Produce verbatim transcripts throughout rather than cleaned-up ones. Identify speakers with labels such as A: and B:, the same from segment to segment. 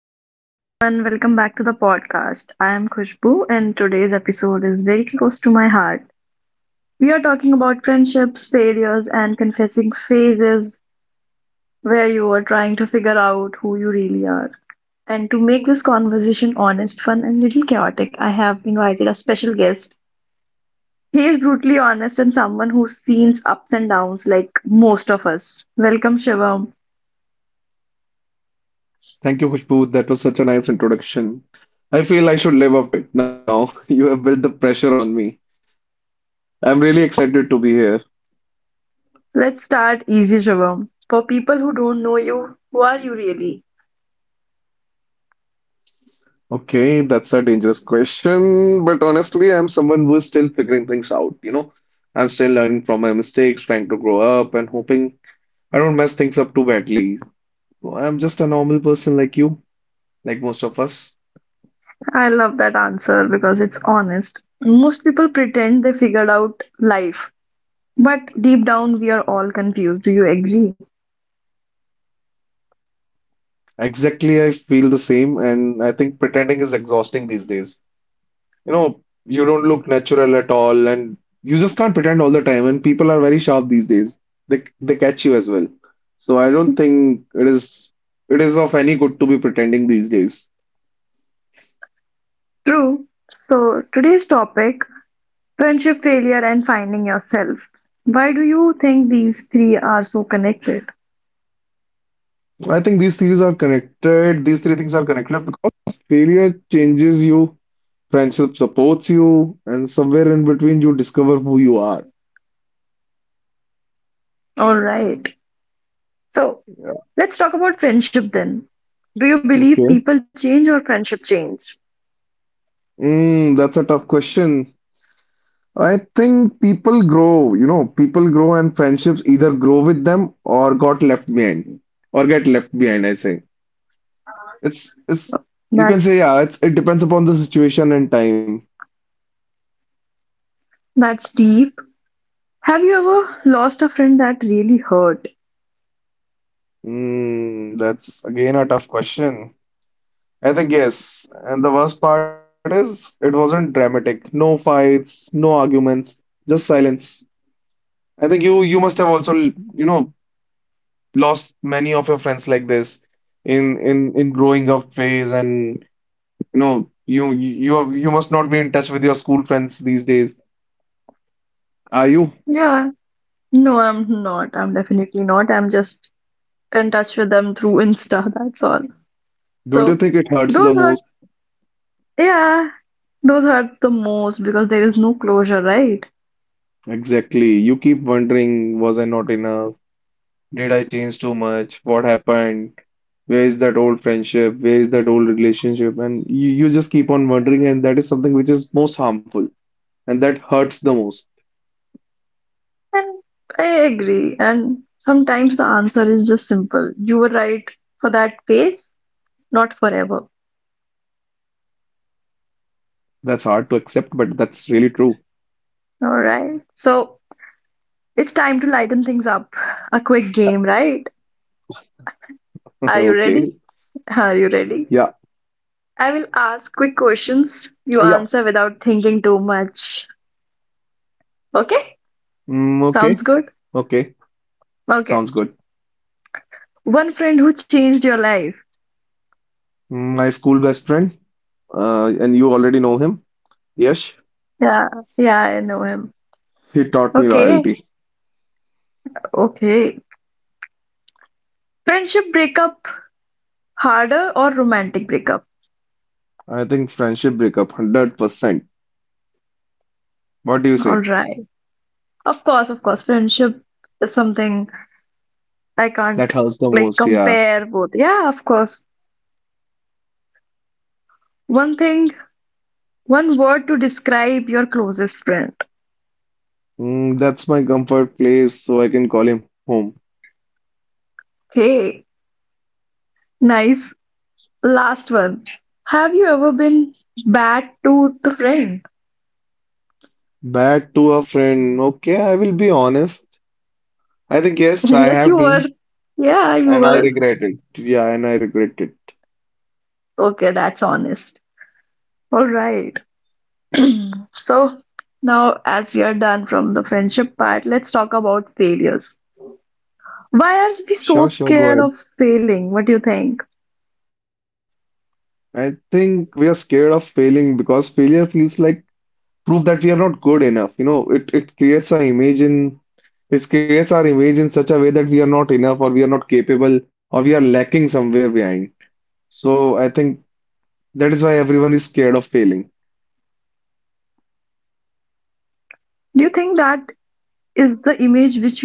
A: So, hello everyone, welcome back to the podcast. I am Khushbu, and today's episode is very close to my heart. We are talking about friendships, failures, and confessing phases where you are trying to figure out who you really are. And to make this conversation honest, fun, and little chaotic, I have invited a special guest. He is brutally honest and someone who sees ups and downs like most of us. Welcome, Shivam.
B: Thank you, Khushbu. That was such a nice introduction. I feel I should live up to it now. You have built the pressure on me. I'm really excited to be here.
A: Let's start easy, Shivam. For people who don't know you, who are you really?
B: Okay, that's a dangerous question, but honestly, I'm someone who's still figuring things out, you know. I'm still learning from my mistakes, trying to grow up, and hoping I don't mess things up too badly. So I'm just a normal person like you, like most of us.
A: I love that answer because it's honest. Most people pretend they figured out life, but deep down we are all confused. Do you agree?
B: Exactly, I feel the same, and I think pretending is exhausting these days. You know, you don't look natural at all, and you just can't pretend all the time. And people are very sharp these days. They they catch you as well. So I don't think it is it is of any good to be pretending these days.
A: True. So, today's topic friendship failure and finding yourself. Why do you think these three are so connected?
B: I think these things are connected. These three things are connected because failure changes you, friendship supports you, and somewhere in between you discover who you are.
A: All right. So,
B: Yeah.
A: let's talk about friendship then. Do you believe
B: Okay.
A: people change or friendship change?
B: Mm, that's a tough question. I think people grow, you know, people grow and friendships either grow with them or got left behind or get left behind, I say. It's it's you
A: That
B: can say, yeah, it's it depends upon the situation and time.
A: that's deep. Have you ever lost a friend that really hurt?
B: Hmm, that's again a tough question. I think yes. And the worst part is it wasn't dramatic. No fights, no arguments, just silence. I think you you must have also, you know, lost many of your friends like this in in in growing up phase, and you know you you you must not be in touch with your school friends these days. Are you?
A: Yeah, no, I'm not. I'm definitely not. I'm just in touch with them through Insta, that's all.
B: Don't you
A: So
B: think it hurts the
A: those hurt,
B: most?
A: yeah, those hurt the most because there is no closure, right?
B: Exactly. You keep wondering, was I not enough? Did I change too much? What happened? Where is that old friendship? Where is that old relationship? And you, you just keep on wondering, and that is something which is most harmful and that hurts the most.
A: And I agree. And sometimes the answer is just simple. You were right for that phase, not forever.
B: That's hard to accept, but that's really true.
A: All right. So it's time to lighten things up. A quick game, right?
B: Okay.
A: Are you ready? Are you
B: Yeah.
A: ready? I will
B: Yep.
A: ask quick questions. You answer without thinking too much. Okay?
B: Mm, okay.
A: Sounds
B: Okay.
A: good?
B: Sounds good.
A: Okay. One friend who changed your life.
B: My school best friend, uh, and you already know him. Yes,
A: Yeah, yeah, I know him.
B: he taught me
A: Okay,
B: loyalty.
A: okay. Friendship breakup harder or romantic breakup?
B: I think friendship breakup, one hundred percent. What do you
A: All
B: say?
A: right. Of course, of course. Friendship is something I can't
B: That hurts the
A: like
B: most, yeah.
A: compare both. Yeah, of course. One thing, one word to describe your closest friend.
B: Mm, that's my comfort place, so I can call him home.
A: Okay, nice. Last one. Have you ever been bad to the friend?
B: Bad to a friend. Okay, I will be honest. I think, yes, I
A: Yes,
B: have
A: you were.
B: been,
A: Yeah, you
B: and I
A: were.
B: regret it. Yeah, and I regret it.
A: Okay, that's honest. All right. So now, as we are done from the friendship part, let's talk about failures. Why
B: Sure,
A: are
B: sure,
A: we
B: go
A: so
B: ahead.
A: scared of failing? What do you think?
B: I think we are scared of failing because failure feels like prove that we are not good enough. You know, it, it creates our image in it creates our image in such a way that we are not enough or we are not capable or we are lacking somewhere behind. So I think that is why everyone is scared of failing.
A: Do you think that is the image which we create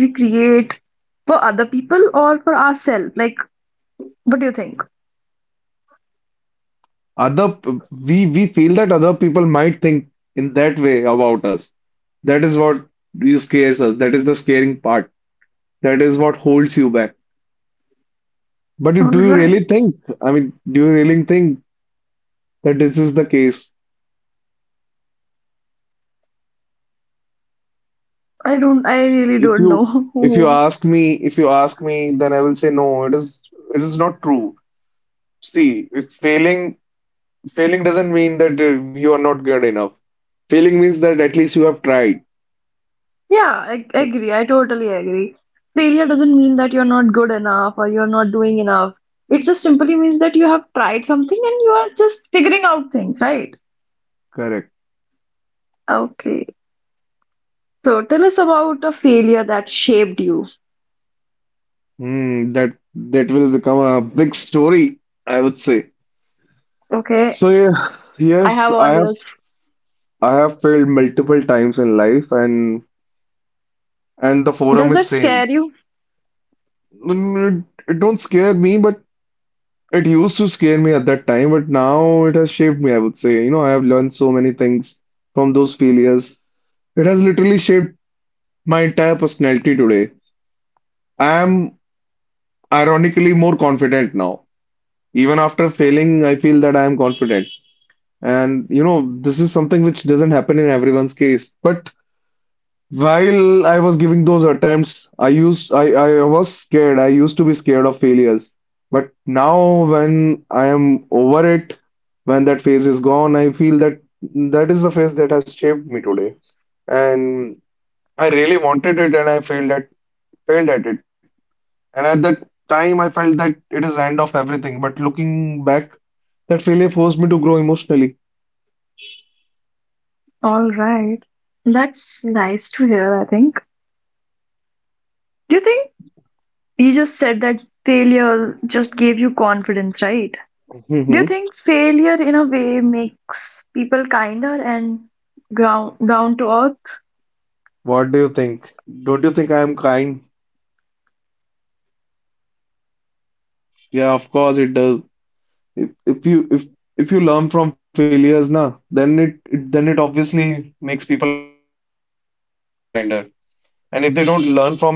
A: for other people or for ourselves? Like, what do you think?
B: Other we we feel that other people might think in that way about us. That is what you scares us. That is the scaring part. That is what holds you back. But
A: All
B: do you
A: right.
B: really think? I mean, do you really think that this is the case?
A: I don't, I really
B: If
A: don't
B: you if you
A: know.
B: ask me, if you ask me, then I will say no, it is it is not true. See, if failing failing doesn't mean that uh, you are not good enough. Failing means that at least you have tried.
A: Yeah, I I agree. I totally agree. Failure doesn't mean that you're not good enough or you're not doing enough. It just simply means that you have tried something and you are just figuring out things, right?
B: Correct.
A: Okay. So tell us about a failure that shaped you.
B: Hmm, that that will become a big story, I would say.
A: Okay.
B: So yeah,
A: I
B: yes,
A: have
B: I
A: all
B: have
A: yours.
B: I have failed multiple times in life, and and the forum
A: Does
B: is
A: that
B: same.
A: scare you?
B: Mm, It, it don't scare me, but it used to scare me at that time, but now it has shaped me, I would say. You know, I have learned so many things from those failures. It has literally shaped my entire personality today. I am ironically more confident now. Even after failing, I feel that I am confident. And, you know, this is something which doesn't happen in everyone's case. But while I was giving those attempts, I used I, I was scared. I used to be scared of failures. But now when I am over it, when that phase is gone, I feel that that is the phase that has shaped me today. And I really wanted it and I failed at failed at it. And at that time I felt that it is the end of everything. But looking back, that failure forced me to grow emotionally.
A: All right. That's nice to hear, I think. Do you think you just said that failure just gave you confidence, right? Do you
B: Mhm.
A: think failure in a way makes people kinder and ground, down to earth?
B: What do you think? Don't you think I am kind? Yeah, of course it does. if if you if if you learn from failures na, then it, it then it obviously makes people kinder, and if they don't learn from it, it makes them bitter.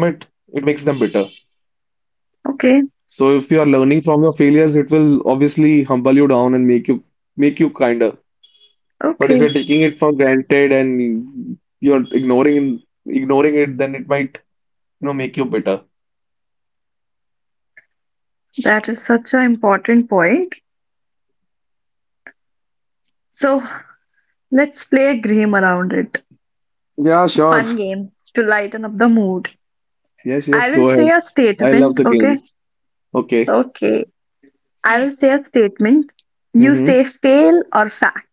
B: So if you are
A: Okay,
B: learning from your failures, it will obviously humble you down and make you make you kinder. But if you're taking it
A: okay.
B: for granted and you're ignoring ignoring it, then it might, you know, make you bitter.
A: That is such an important point. So let's play a game around it.
B: Yeah,
A: A
B: sure.
A: fun game to lighten up the mood.
B: Yes, yes,
A: I will
B: go
A: say
B: ahead.
A: a
B: I love
A: statement,
B: the
A: okay?
B: games. Okay.
A: Okay. I will say a statement. You
B: Mm-hmm.
A: say fail or fact.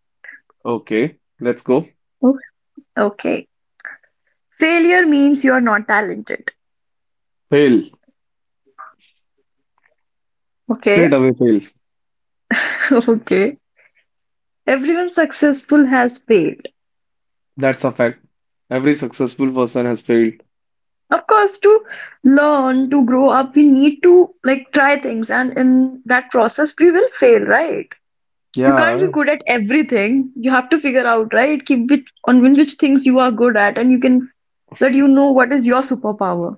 B: Okay, let's go.
A: Okay. Okay. Failure means you are not talented.
B: Fail. Straight
A: Okay.
B: away fail.
A: Okay. Everyone successful has failed.
B: That's a fact. Every successful person has failed.
A: Of course, to learn to grow up we need to like try things, and in that process we will fail, right? You can't be
B: Yeah,
A: good at everything. You have to figure out, right, keep which on which which things you are good at, and you can that you know what is your superpower.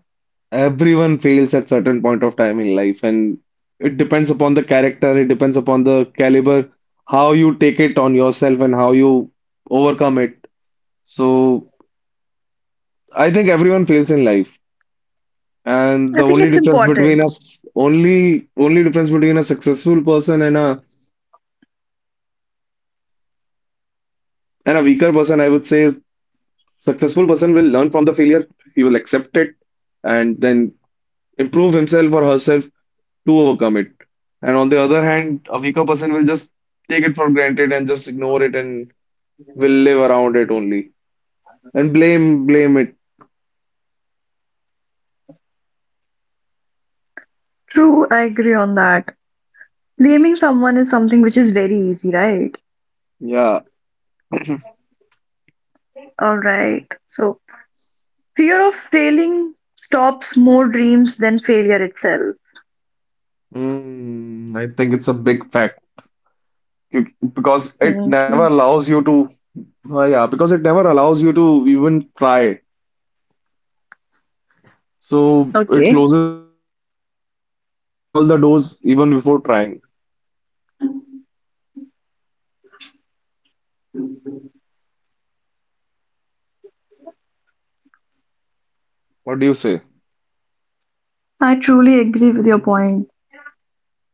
B: everyone fails at certain point of time in life, and it depends upon the character, it depends upon the caliber, how you take it on yourself and how you overcome it. So I think everyone fails in life. And
A: I
B: the
A: think
B: only
A: it's
B: difference between
A: important.
B: us, only only difference between a successful person and a and a weaker person, I would say, is successful person will learn from the failure, he will accept it, and then improve himself or herself to overcome it. And on the other hand, a weaker person will just take it for granted and just ignore it and will live around it only and blame blame it.
A: True, I agree on that. Blaming someone is something which is very easy, right?
B: Yeah,
A: All right. So fear of failing stops more dreams than failure itself.
B: mm, I think it's a big fact. You- because it
A: Me
B: never
A: too.
B: allows you to. Uh, yeah, because it never allows you to even try. So it
A: Okay.
B: closes all the doors even before trying. What do you say?
A: I truly agree with your point.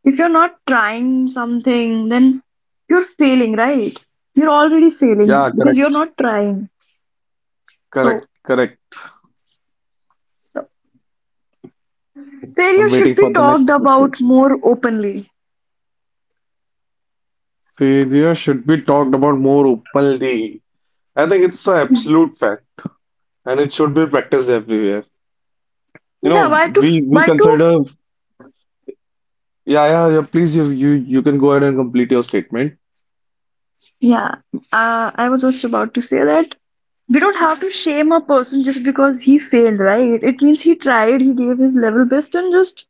A: If you're not trying something, then you're failing, right? You're already
B: Yeah,
A: failing
B: correct,
A: because you're not trying.
B: correct,
A: So
B: correct.
A: the
B: I'm
A: failure
B: waiting
A: should
B: for
A: be
B: the next
A: talked
B: question.
A: about more openly.
B: Failure should be talked about more openly. I think it's an absolute fact, and it should be practiced everywhere. You
A: Yeah,
B: know,
A: why to?
B: we we
A: Why to?
B: consider, yeah, yeah, yeah. Please, you you you can go ahead and complete your statement.
A: Yeah, uh, I was just about to say that we don't have to shame a person just because he failed, right? It means he tried, he gave his level best, and just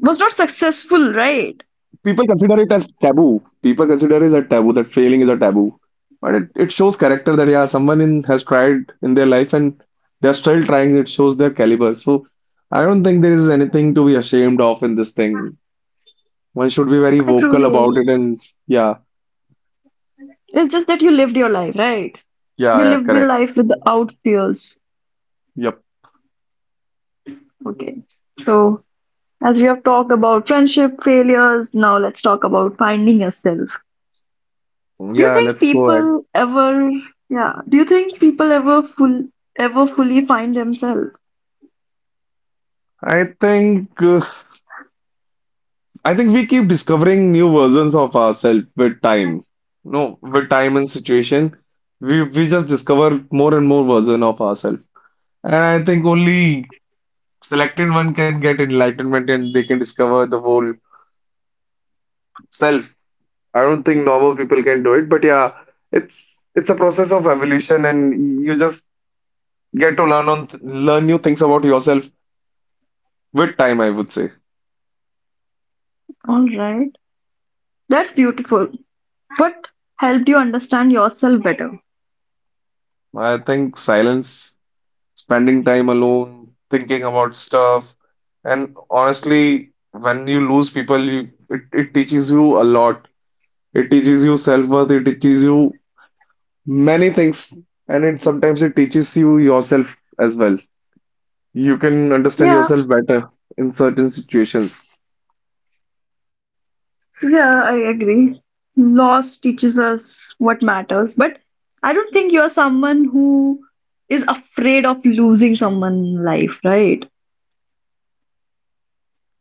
A: was not
B: People
A: successful,
B: consider it as
A: right?
B: taboo. People consider it as a taboo that failing is a taboo, but it it shows character that, yeah, someone in has tried in their life and they are still trying. It shows their caliber. So I don't think there is anything to be ashamed of in this thing. One should be very
A: I
B: vocal
A: truly
B: about
A: agree.
B: it and. Yeah,
A: It's just that you lived your life, right?
B: yeah,
A: You
B: yeah,
A: lived your
B: correct.
A: life without fears.
B: Yep.
A: Okay. So, as we have talked about friendship failures, now let's talk about finding yourself. Do you
B: Yeah,
A: think
B: let's go ahead.
A: people ever, yeah, do you think people ever full ever fully find themselves?
B: I think uh, I think we keep discovering new versions of ourselves with time. No, with time and situation, we we just discover more and more version of ourselves. And I think only selected one can get enlightenment and they can discover the whole self. I don't think normal people can do it, but yeah, it's it's a process of evolution, and you just get to learn on learn new things about yourself with time, I would say.
A: All right. That's beautiful. What helped you understand yourself better?
B: I think silence, spending time alone, thinking about stuff, and honestly, when you lose people, you, it, it teaches you a lot. It teaches you self-worth, it teaches you many things, and it sometimes it teaches you yourself as well. You can understand
A: Yeah.
B: yourself better in certain situations.
A: Yeah, I agree. Loss teaches us what matters, but I don't think you're someone who is afraid of losing someone in life, right?
B: No, no.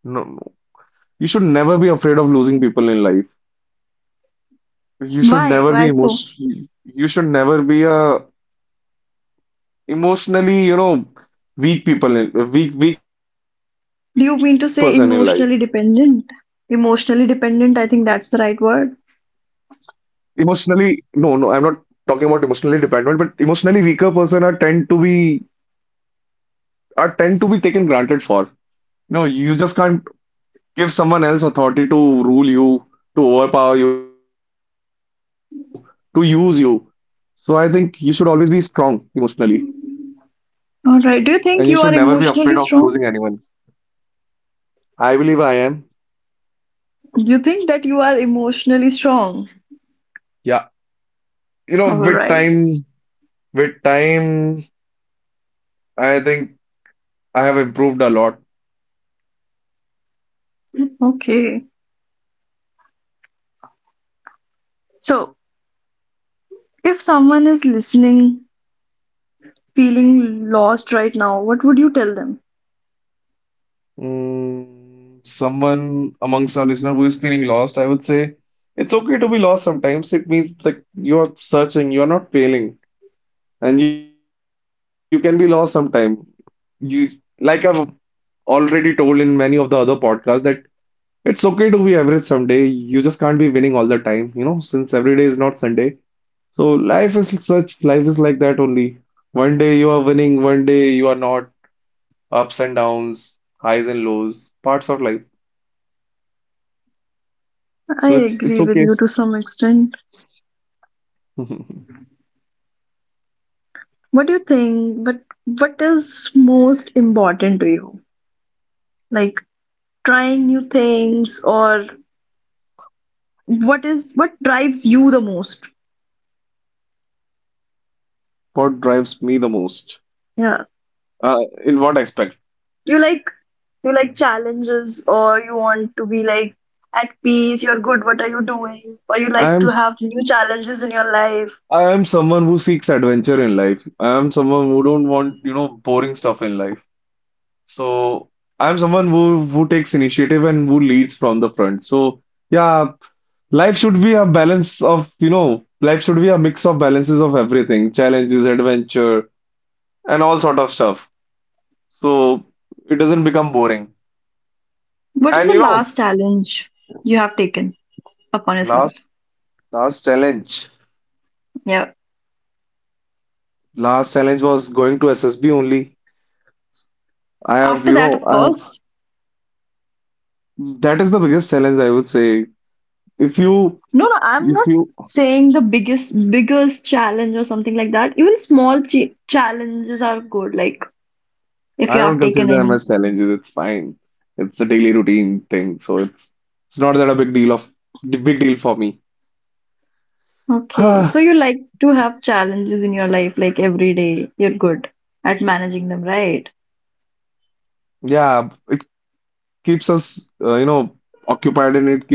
B: You should never be afraid of losing people in life. You should never
A: Why?
B: be
A: Why so?
B: emotion. You should never be a, emotionally, you know, weak people, in, weak weak person in life.
A: Do you mean to say emotionally dependent? Emotionally dependent, I think that's the right word.
B: Emotionally, no, no, I'm not talking about emotionally dependent, but emotionally weaker person are tend to be are tend to be taken granted for. No, you just can't give someone else authority to rule you, to overpower you, to use you. So I think you should always be strong emotionally, and you should
A: All
B: never be
A: right. Do you
B: afraid of
A: think you are
B: losing anyone.
A: emotionally strong?
B: I believe I am.
A: You think that you are emotionally strong?
B: Yeah. You know,
A: All
B: with
A: right.
B: time, with time, I think I have improved a lot.
A: Okay. So, if someone is listening, feeling lost right now, what would you tell them?
B: Mm, someone amongst our listener who is feeling lost, I would say it's okay to be lost sometimes. It means that you're searching, you're not failing, and you can be lost sometime. You, like I've already told in many of the other podcasts, that it's okay to be average someday. You just can't be winning all the time, you know, since every day is not Sunday. So life is such, life is like that only. One day you are winning, one day you are not. Ups and downs, highs and lows, parts of life.
A: I
B: So it's it's
A: agree with
B: okay.
A: you to some extent. What do you think? But what is most important to you? Like trying new things, or what is what drives you the most?
B: What drives me the most?
A: Yeah.
B: Uh, in what aspect?
A: You like you like challenges, or you want to be like at peace, you're good, what are you doing? Or you
B: I
A: like
B: am
A: to
B: s-
A: have new challenges in your life.
B: I am someone who seeks adventure in life. I am someone who don't want, you know, boring stuff in life. So I am someone who who takes initiative and who leads from the front. So yeah, life should be a balance of, you know, life should be a mix of balances of everything, challenges, adventure, and all sort of stuff. So it doesn't become boring.
A: What is
B: And
A: the
B: you know,
A: last challenge you have taken upon yourself?
B: last last challenge,
A: Yeah.
B: last challenge was going to S S B only. I have,
A: After
B: you
A: that,
B: know,
A: of
B: I
A: course,
B: have, that is the biggest challenge I would say. If you,
A: no, no, I'm
B: if
A: not
B: you,
A: saying the biggest, biggest challenge or something like that. Even small ch challenges are good, like if
B: I
A: you have
B: don't consider
A: taken
B: them
A: any.
B: as challenges. It's fine. It's a daily routine thing, so it's it's not that a big deal of big deal for me.
A: Okay,
B: Ah,
A: so you like to have challenges in your life, like every day. You're good at managing them, right?
B: Yeah, it keeps us, uh, you know, occupied and it keeps us alive.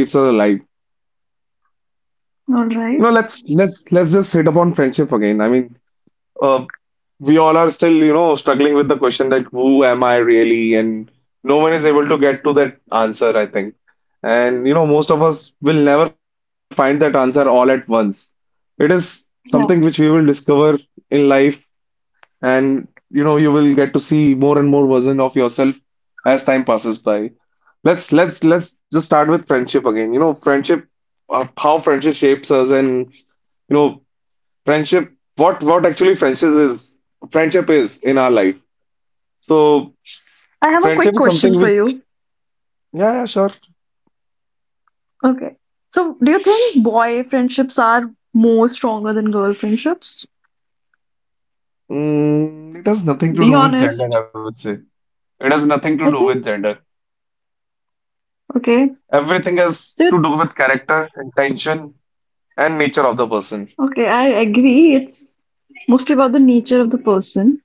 B: You
A: All
B: know,
A: right.
B: let's let's let's just hit upon friendship again. I mean, uh, we all are still, you know, struggling with the question that who am I really? And no one is able to get to that answer, I think. And, you know, most of us will never find that answer all at once. It is something which we will
A: Yeah.
B: discover in life, and, you know, you will get to see more and more version of yourself as time passes by. Let's let's let's just start with friendship again. You know, friendship, uh, how friendship shapes us and you know friendship what what actually friendship is friendship is in our life. So
A: I have a quick
B: friendship is
A: question
B: something
A: for you.
B: which yeah, yeah, sure.
A: Okay. So, do you think boy friendships are more stronger than girl friendships?
B: Mm, it has nothing to
A: Be
B: do with gender,
A: honest.
B: I would say. It has nothing to do
A: I
B: with
A: think.
B: gender. Everything has to do with
A: Okay.
B: character,
A: So,
B: intention,
A: you
B: and nature of the person.
A: okay, I agree. It's mostly about the nature of the person.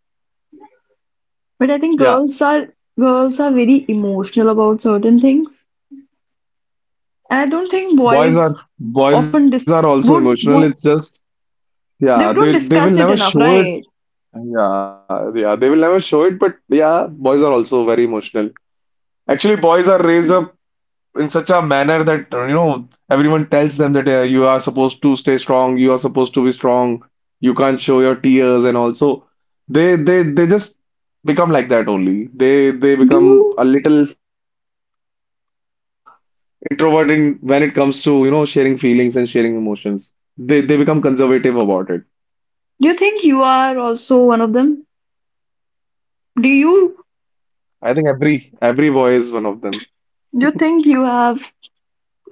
B: Yeah,
A: But I think girls are girls are very emotional about certain things. And I don't think
B: boys are
A: boys
B: boys are
A: often
B: also
A: dis
B: emotional, it's
A: won't boy,
B: just yeah, they
A: they
B: they
A: don't
B: will never
A: discuss it
B: show
A: enough,
B: it.
A: right?
B: yeah yeah, they will never show it, but yeah, boys are also very emotional. Actually boys are raised up in such a manner that uh, you know, everyone tells them that uh, you are supposed to stay strong, you are supposed to be strong, you can't show your tears and all. So they they they just become like that only. They they
A: Do
B: become
A: you
B: a little introvert in when it comes to you know sharing feelings and sharing emotions. They they become conservative about it.
A: do you think you are also one of them? Do
B: I
A: you
B: think every every boy is one of them.
A: do you think you have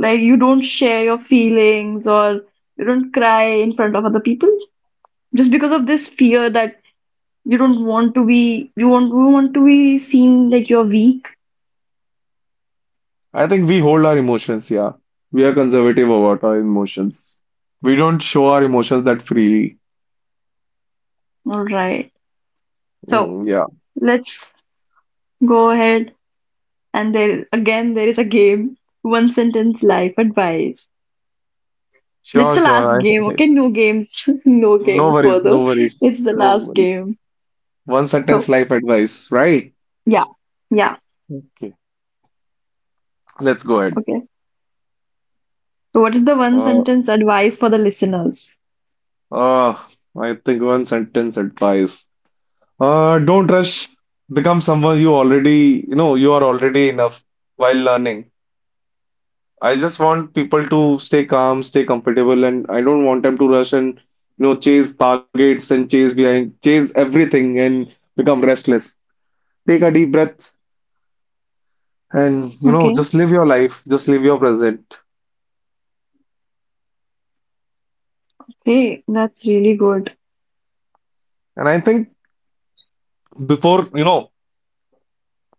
A: like you don't share your feelings or you don't cry in front of other people just because of this fear that you don't want to be, you want, you want to be seen like you're weak.
B: I think we hold our emotions, yeah. We are conservative about our emotions. We don't show our emotions that freely.
A: All right. So
B: Mm, yeah.
A: let's go ahead. And there, again, there is a game. One sentence life advice. That's
B: Sure,
A: the
B: sure.
A: last
B: I,
A: game.
B: I,
A: Okay, no games, no
B: no
A: games
B: worries,
A: further.
B: no worries,
A: It's the
B: no
A: last
B: worries.
A: game.
B: One sentence
A: So
B: life advice, right?
A: yeah, yeah.
B: Okay, let's go ahead.
A: Okay. So what is the one
B: Uh,
A: sentence advice for the listeners?
B: uh, I think one sentence advice. Uh, don't rush. Become someone you already, you know, you are already enough while learning. I just want people to stay calm, stay comfortable, and I don't want them to rush and, you know, chase targets and chase behind, chase everything and become restless. Take a deep breath and you know,
A: Okay.
B: just live your life, just live your present.
A: Okay, that's really good.
B: And I think before you know,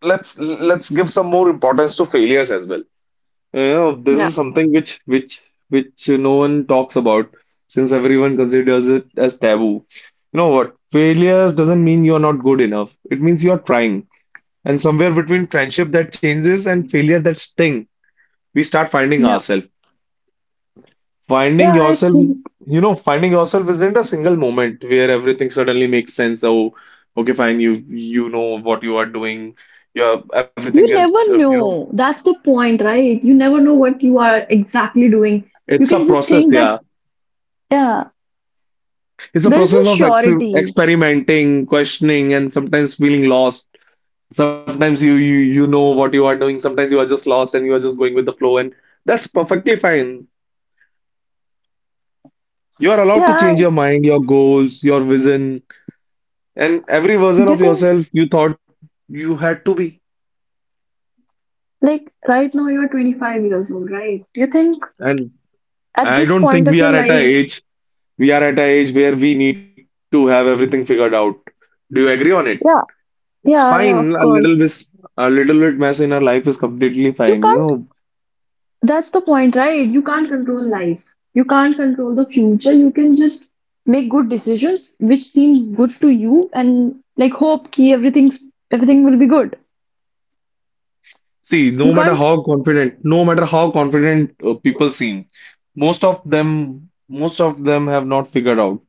B: let's let's give some more importance to failures as well. You know, this
A: Yeah.
B: is something which which which no one talks about, since everyone considers it as taboo. You know what, failures doesn't mean you're not good enough, it means you're trying. And somewhere between friendship that changes and failure that sting, we start finding
A: Yeah.
B: ourselves.
A: Yeah,
B: Finding
A: I
B: yourself,
A: think.
B: you know, finding yourself isn't a single moment where everything suddenly makes sense. Oh, okay, fine, you you know what you are doing. Your everything
A: You
B: is, uh,
A: never
B: you know,
A: know. That's the point, right? You never know what you are exactly doing. You
B: it's a
A: can just
B: process.
A: think that,
B: Yeah,
A: yeah,
B: it's a
A: there is no
B: process of ex
A: surety.
B: experimenting, questioning, and sometimes feeling lost. Sometimes you you you know what you are doing. Sometimes you are just lost and you are just going with the flow, and that's perfectly fine. You are allowed to
A: Yeah,
B: change your mind, your goals, your vision, and every version
A: do you
B: of
A: think,
B: yourself you thought you had to be.
A: like, right now you're twenty-five years old, right? Do you think
B: And
A: at
B: I
A: this
B: don't
A: point
B: think
A: of
B: we
A: your
B: are at a
A: life,
B: age we are at a age where we need to have everything figured out. Do you agree on it?
A: yeah,
B: It's
A: yeah, yeah,
B: fine.
A: of
B: A little
A: course.
B: bit, a little bit mess in our life is completely
A: You
B: fine. You
A: can't,
B: know,
A: that's the point, right? You can't control life. You can't control the future. You can just make good decisions which seems good to you and like hope ki everything's everything will be good.
B: see,
A: You
B: no matter
A: can't.
B: how confident, no matter how confident uh, people seem, most of them, most of them have not figured out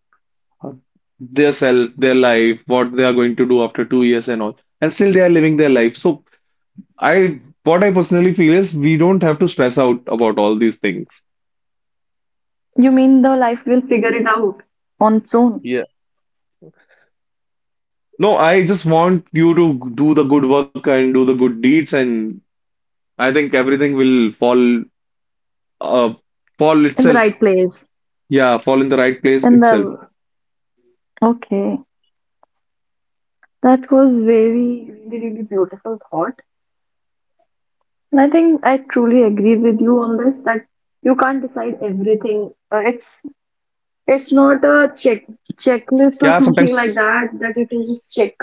B: uh, their self, their life, what they are going to do after two years and all, and still they are living their life. So I, what I personally feel is we don't have to stress out about all these things.
A: You mean the life will figure it out on its own
B: No, I just want you to do the good work and do the good deeds, and I think everything will fall, uh, fall
A: in the right
B: itself.
A: place
B: Yeah, fall in the right place
A: in
B: itself.
A: the okay. That was very really really beautiful thought. And I think I truly agree with you on this, that you can't decide everything. Uh, It's it's not
B: Yeah,
A: a check
B: sometimes
A: checklist or something like that that you can just check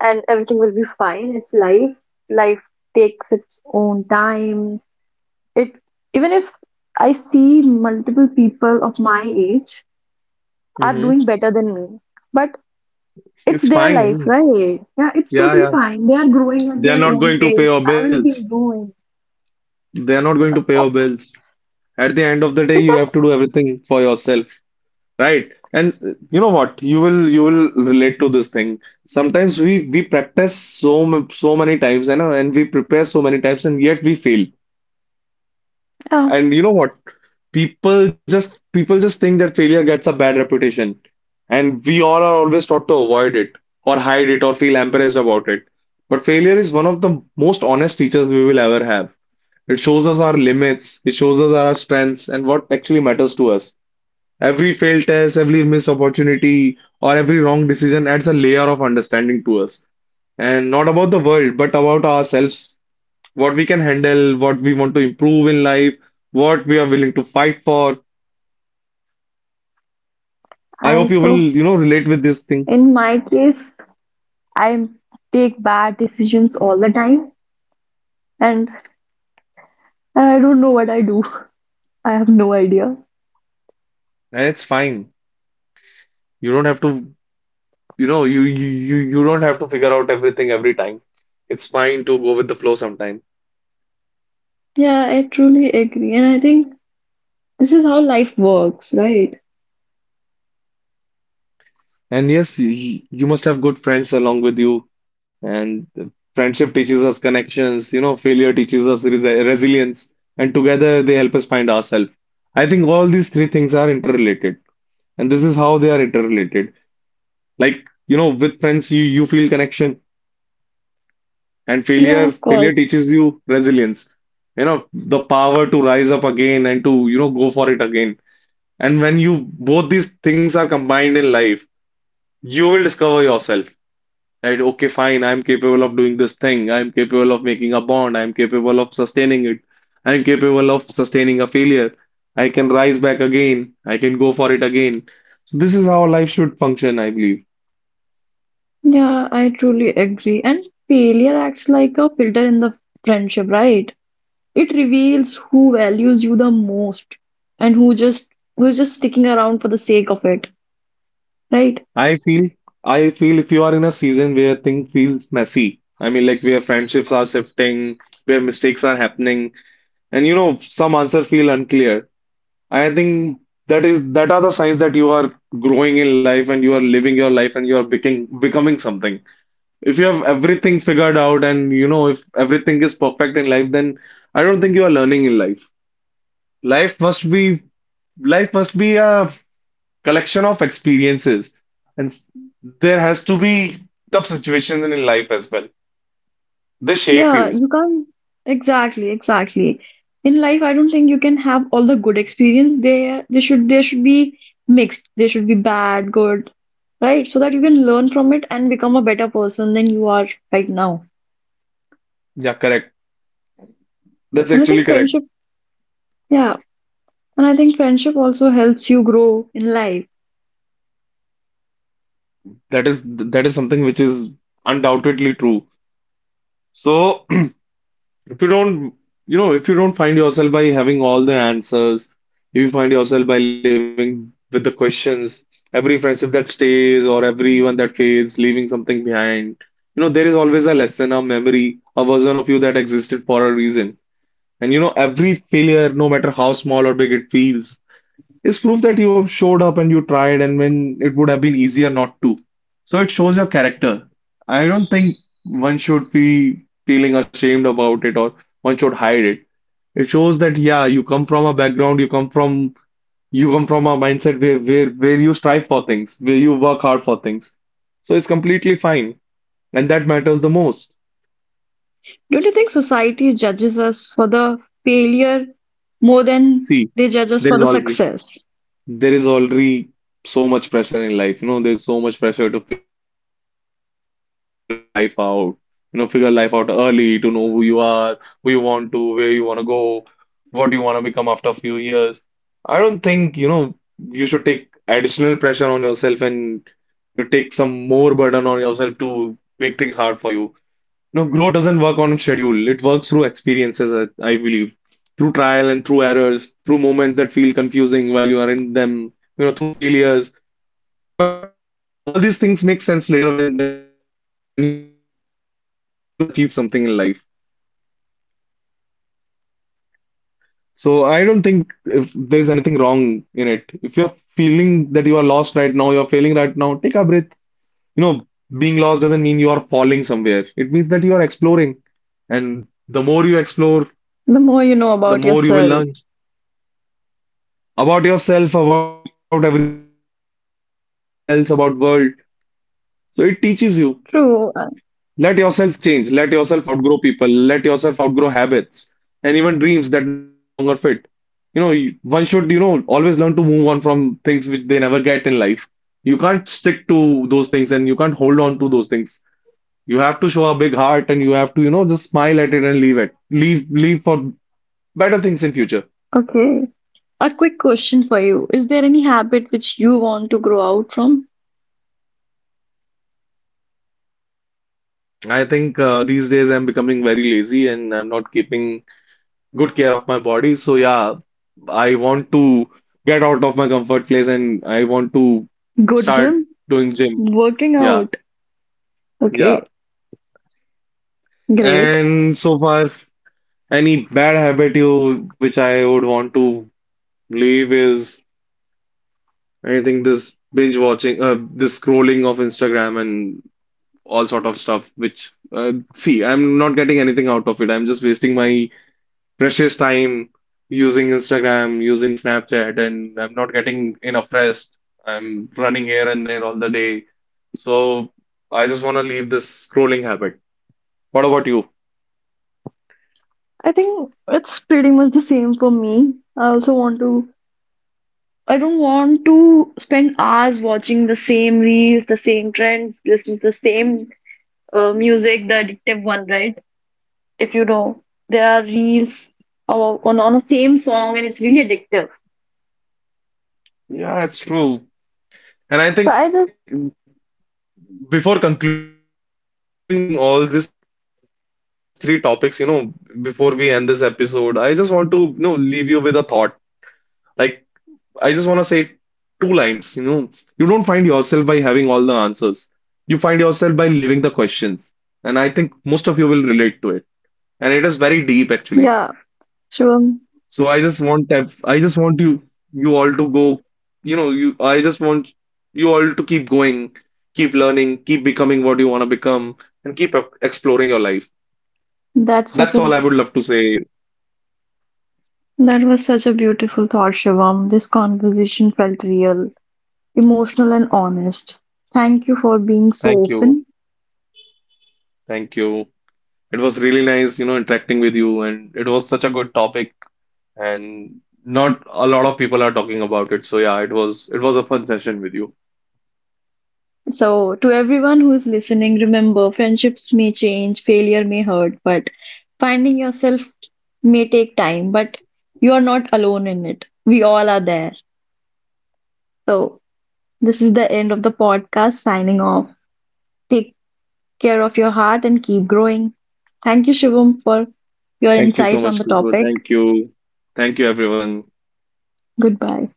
A: and everything will be fine. It's life. Life takes its own time. It Even if I see multiple people of my age are
B: hmm.
A: doing better than me. But it's
B: It's
A: their life,
B: fine.
A: right? Yeah, it's
B: Yeah,
A: totally
B: yeah.
A: fine. They are growing at
B: They are
A: their
B: not
A: own
B: going to pay
A: pace.
B: your
A: I will
B: bills.
A: be doing.
B: They are not going to pay your
A: Of-
B: bills. At the end of the day,
A: It's
B: you have
A: not.
B: to do everything for yourself. Right. And uh, you know what? You will you will relate to this thing. Sometimes we we practice so m- so many times, and know, and we prepare so many times, and yet we fail.
A: Uh,
B: And you know what? People just people just think that failure gets a bad reputation, and we all are always taught to avoid it or hide it or feel embarrassed about it. But failure is one of the most honest teachers we will ever have. It shows us our limits, it shows us our strengths, and what actually matters to us. Every failed test, every missed opportunity, or every wrong decision adds a layer of understanding to us. And not about the world, but about ourselves, what we can handle, what we want to improve in life, what we are willing to fight for. I hope you will, you know, relate with this
A: I
B: thing.
A: so in my case, I take bad decisions all the time, and I don't know what I do. I have no idea.
B: And it's fine. You don't have to, you know, you you you you don't have to figure out everything every time. It's fine to go with the flow sometime.
A: Yeah, I truly agree, and I think this is how life works, right?
B: And yes, y- you must have good friends along with you. And friendship teaches us connections, you know, failure teaches us resi- resilience, and together they help us find ourselves. I think all these three things are interrelated, and this is how they are interrelated. Like, you know, with friends, you you feel connection, and
A: Yeah, of
B: failure
A: course.
B: failure teaches you resilience. You know, the power to rise up again and to, you know, go for it again. And when you both these things are combined in life, you will discover yourself. Right? Okay, fine, I'm capable of doing this thing. I'm capable of making a bond. I'm capable of sustaining it. I'm capable of sustaining a failure. I can rise back again. I can go for it again. So this is how life should function, I believe.
A: Yeah, I truly agree. And failure acts like a filter in the friendship, right? It reveals who values you the most and who just who's just sticking around for the sake of it, right?
B: I feel, I feel if you are in a season where things feels messy, I mean, like where friendships are shifting, where mistakes are happening, and you know, some answer feel unclear. I think that is that are the signs that you are growing in life and you are living your life and you are becoming becoming something. If you have everything figured out and you know if everything is perfect in life, then I don't think you are learning in life. Life must be life must be a collection of experiences, and s- there has to be tough situations in life as well. They shape
A: Yeah,
B: you.
A: you can't exactly, exactly. In life, I don't think you can have all the good experience. They they should they should be mixed. They should be bad, good, right? So that you can learn from it and become a better person than you are right now.
B: Yeah, correct. That's
A: And I think
B: actually correct.
A: friendship, yeah, and I think friendship also helps you grow in life.
B: That is that is something which is undoubtedly true. So. If you don't, you know, if you don't find yourself by having all the answers, if you find yourself by living with the questions, every friendship that stays or everyone that fades, leaving something behind, you know, there is always a lesson, a memory, a version of you that existed for a reason. And you know, every failure, no matter how small or big it feels, is proof that you have showed up and you tried and when it would have been easier not to. So it shows your character. I don't think one should be feeling ashamed about it or one should hide it. It shows that yeah, you come from a background, you come from you come from a mindset where where where you strive for things, where you work hard for things. So it's completely fine. And that matters the most.
A: Don't you think society judges us for the failure more than they
B: See,
A: judge us for the
B: there is always
A: success?
B: there is already so much pressure in life. You know, there's so much pressure to figure out life out. You know, figure life out early to know who you are, who you want to, where you want to go, what you want to become after a few years. I don't think, you know, you should take additional pressure on yourself and you take some more burden on yourself to make things hard for you. No, growth doesn't work on schedule. It works through experiences, I, I believe, through trial and through errors, through moments that feel confusing while you are in them, you know, through failures. But all these things make sense later when when when you have achieved something in life. So I don't think if there is anything wrong in it. If you're feeling that you are lost right now, you're failing right now, take a breath. You know, being lost doesn't mean you are falling somewhere. It means that you are exploring, and the more you explore,
A: The more you know about
B: the more you
A: yourself.
B: will learn about yourself, about everybody else, about world. So it teaches you. Let
A: True. Uh,
B: yourself change. Let yourself outgrow people. Let yourself outgrow habits and even dreams that no longer fit. You know, you- one should, you know, always learn to move on from things which they never get in life. You can't stick to those things and you can't hold on to those things. You have to show a big heart and you have to, you know, just smile at it and leave it. Leave, leave for better things in future.
A: Okay. A quick question for you. Is there any habit which you want to grow out from?
B: I think uh, these days I'm becoming very lazy and I'm not keeping good care of my body. So yeah, I want to get out of my comfort place and I want to
A: Good gym?
B: start doing gym.
A: Working out.
B: Yeah,
A: Okay.
B: yeah.
A: Great.
B: And so far, any bad habit you which I would want to leave is anything this binge watching, uh, this scrolling of Instagram and all sort of stuff. Which uh, see, I'm not getting anything out of it. I'm just wasting my precious time using Instagram, using Snapchat, and I'm not getting enough rest. I'm running here and there all the day. So I just want to leave this scrolling habit. What about you?
A: I think it's pretty much the same for me. I also want to, I don't want to spend hours watching the same reels, the same trends, listen to the same uh, music, the addictive one, right? If you know, there are reels o- on on the same song, and it's really addictive.
B: Yeah, it's true. And I
A: So
B: think
A: I just,
B: before concluding all these three topics, you know, before we end this episode, I just want to, you know, leave you with a thought. Like, I just want to say two lines. You know, you don't find yourself by having all the answers. You find yourself by living the questions. And I think most of you will relate to it. And it is very deep actually.
A: yeah,
B: So I just want ev-
A: Shivam,
B: I just want you you all to go, you know, you I just want you all to keep going, keep learning, keep becoming what you want to become, and keep e- exploring your life. That's all I
A: that's
B: would
A: such a,
B: love to say.
A: that was such a beautiful thought, Shivam. This conversation felt real, emotional, and honest. Thank you for being
B: Thank
A: so
B: you.
A: open.
B: Thank you. It was really nice, you know, interacting with you, and it was such a good topic, and not a lot of people are talking about it. So yeah, it was it was a fun session with you.
A: So, to everyone who is listening, remember friendships may change, failure may hurt, but finding yourself may take time, but you are not alone in it. We all are there. So, this is the end of the podcast signing off. Take care of your heart and keep growing. Thank you, Shivam, for your
B: Thank you
A: insights
B: so
A: on the
B: much, Khushbu.
A: topic.
B: Thank you. Thank you, everyone.
A: Goodbye.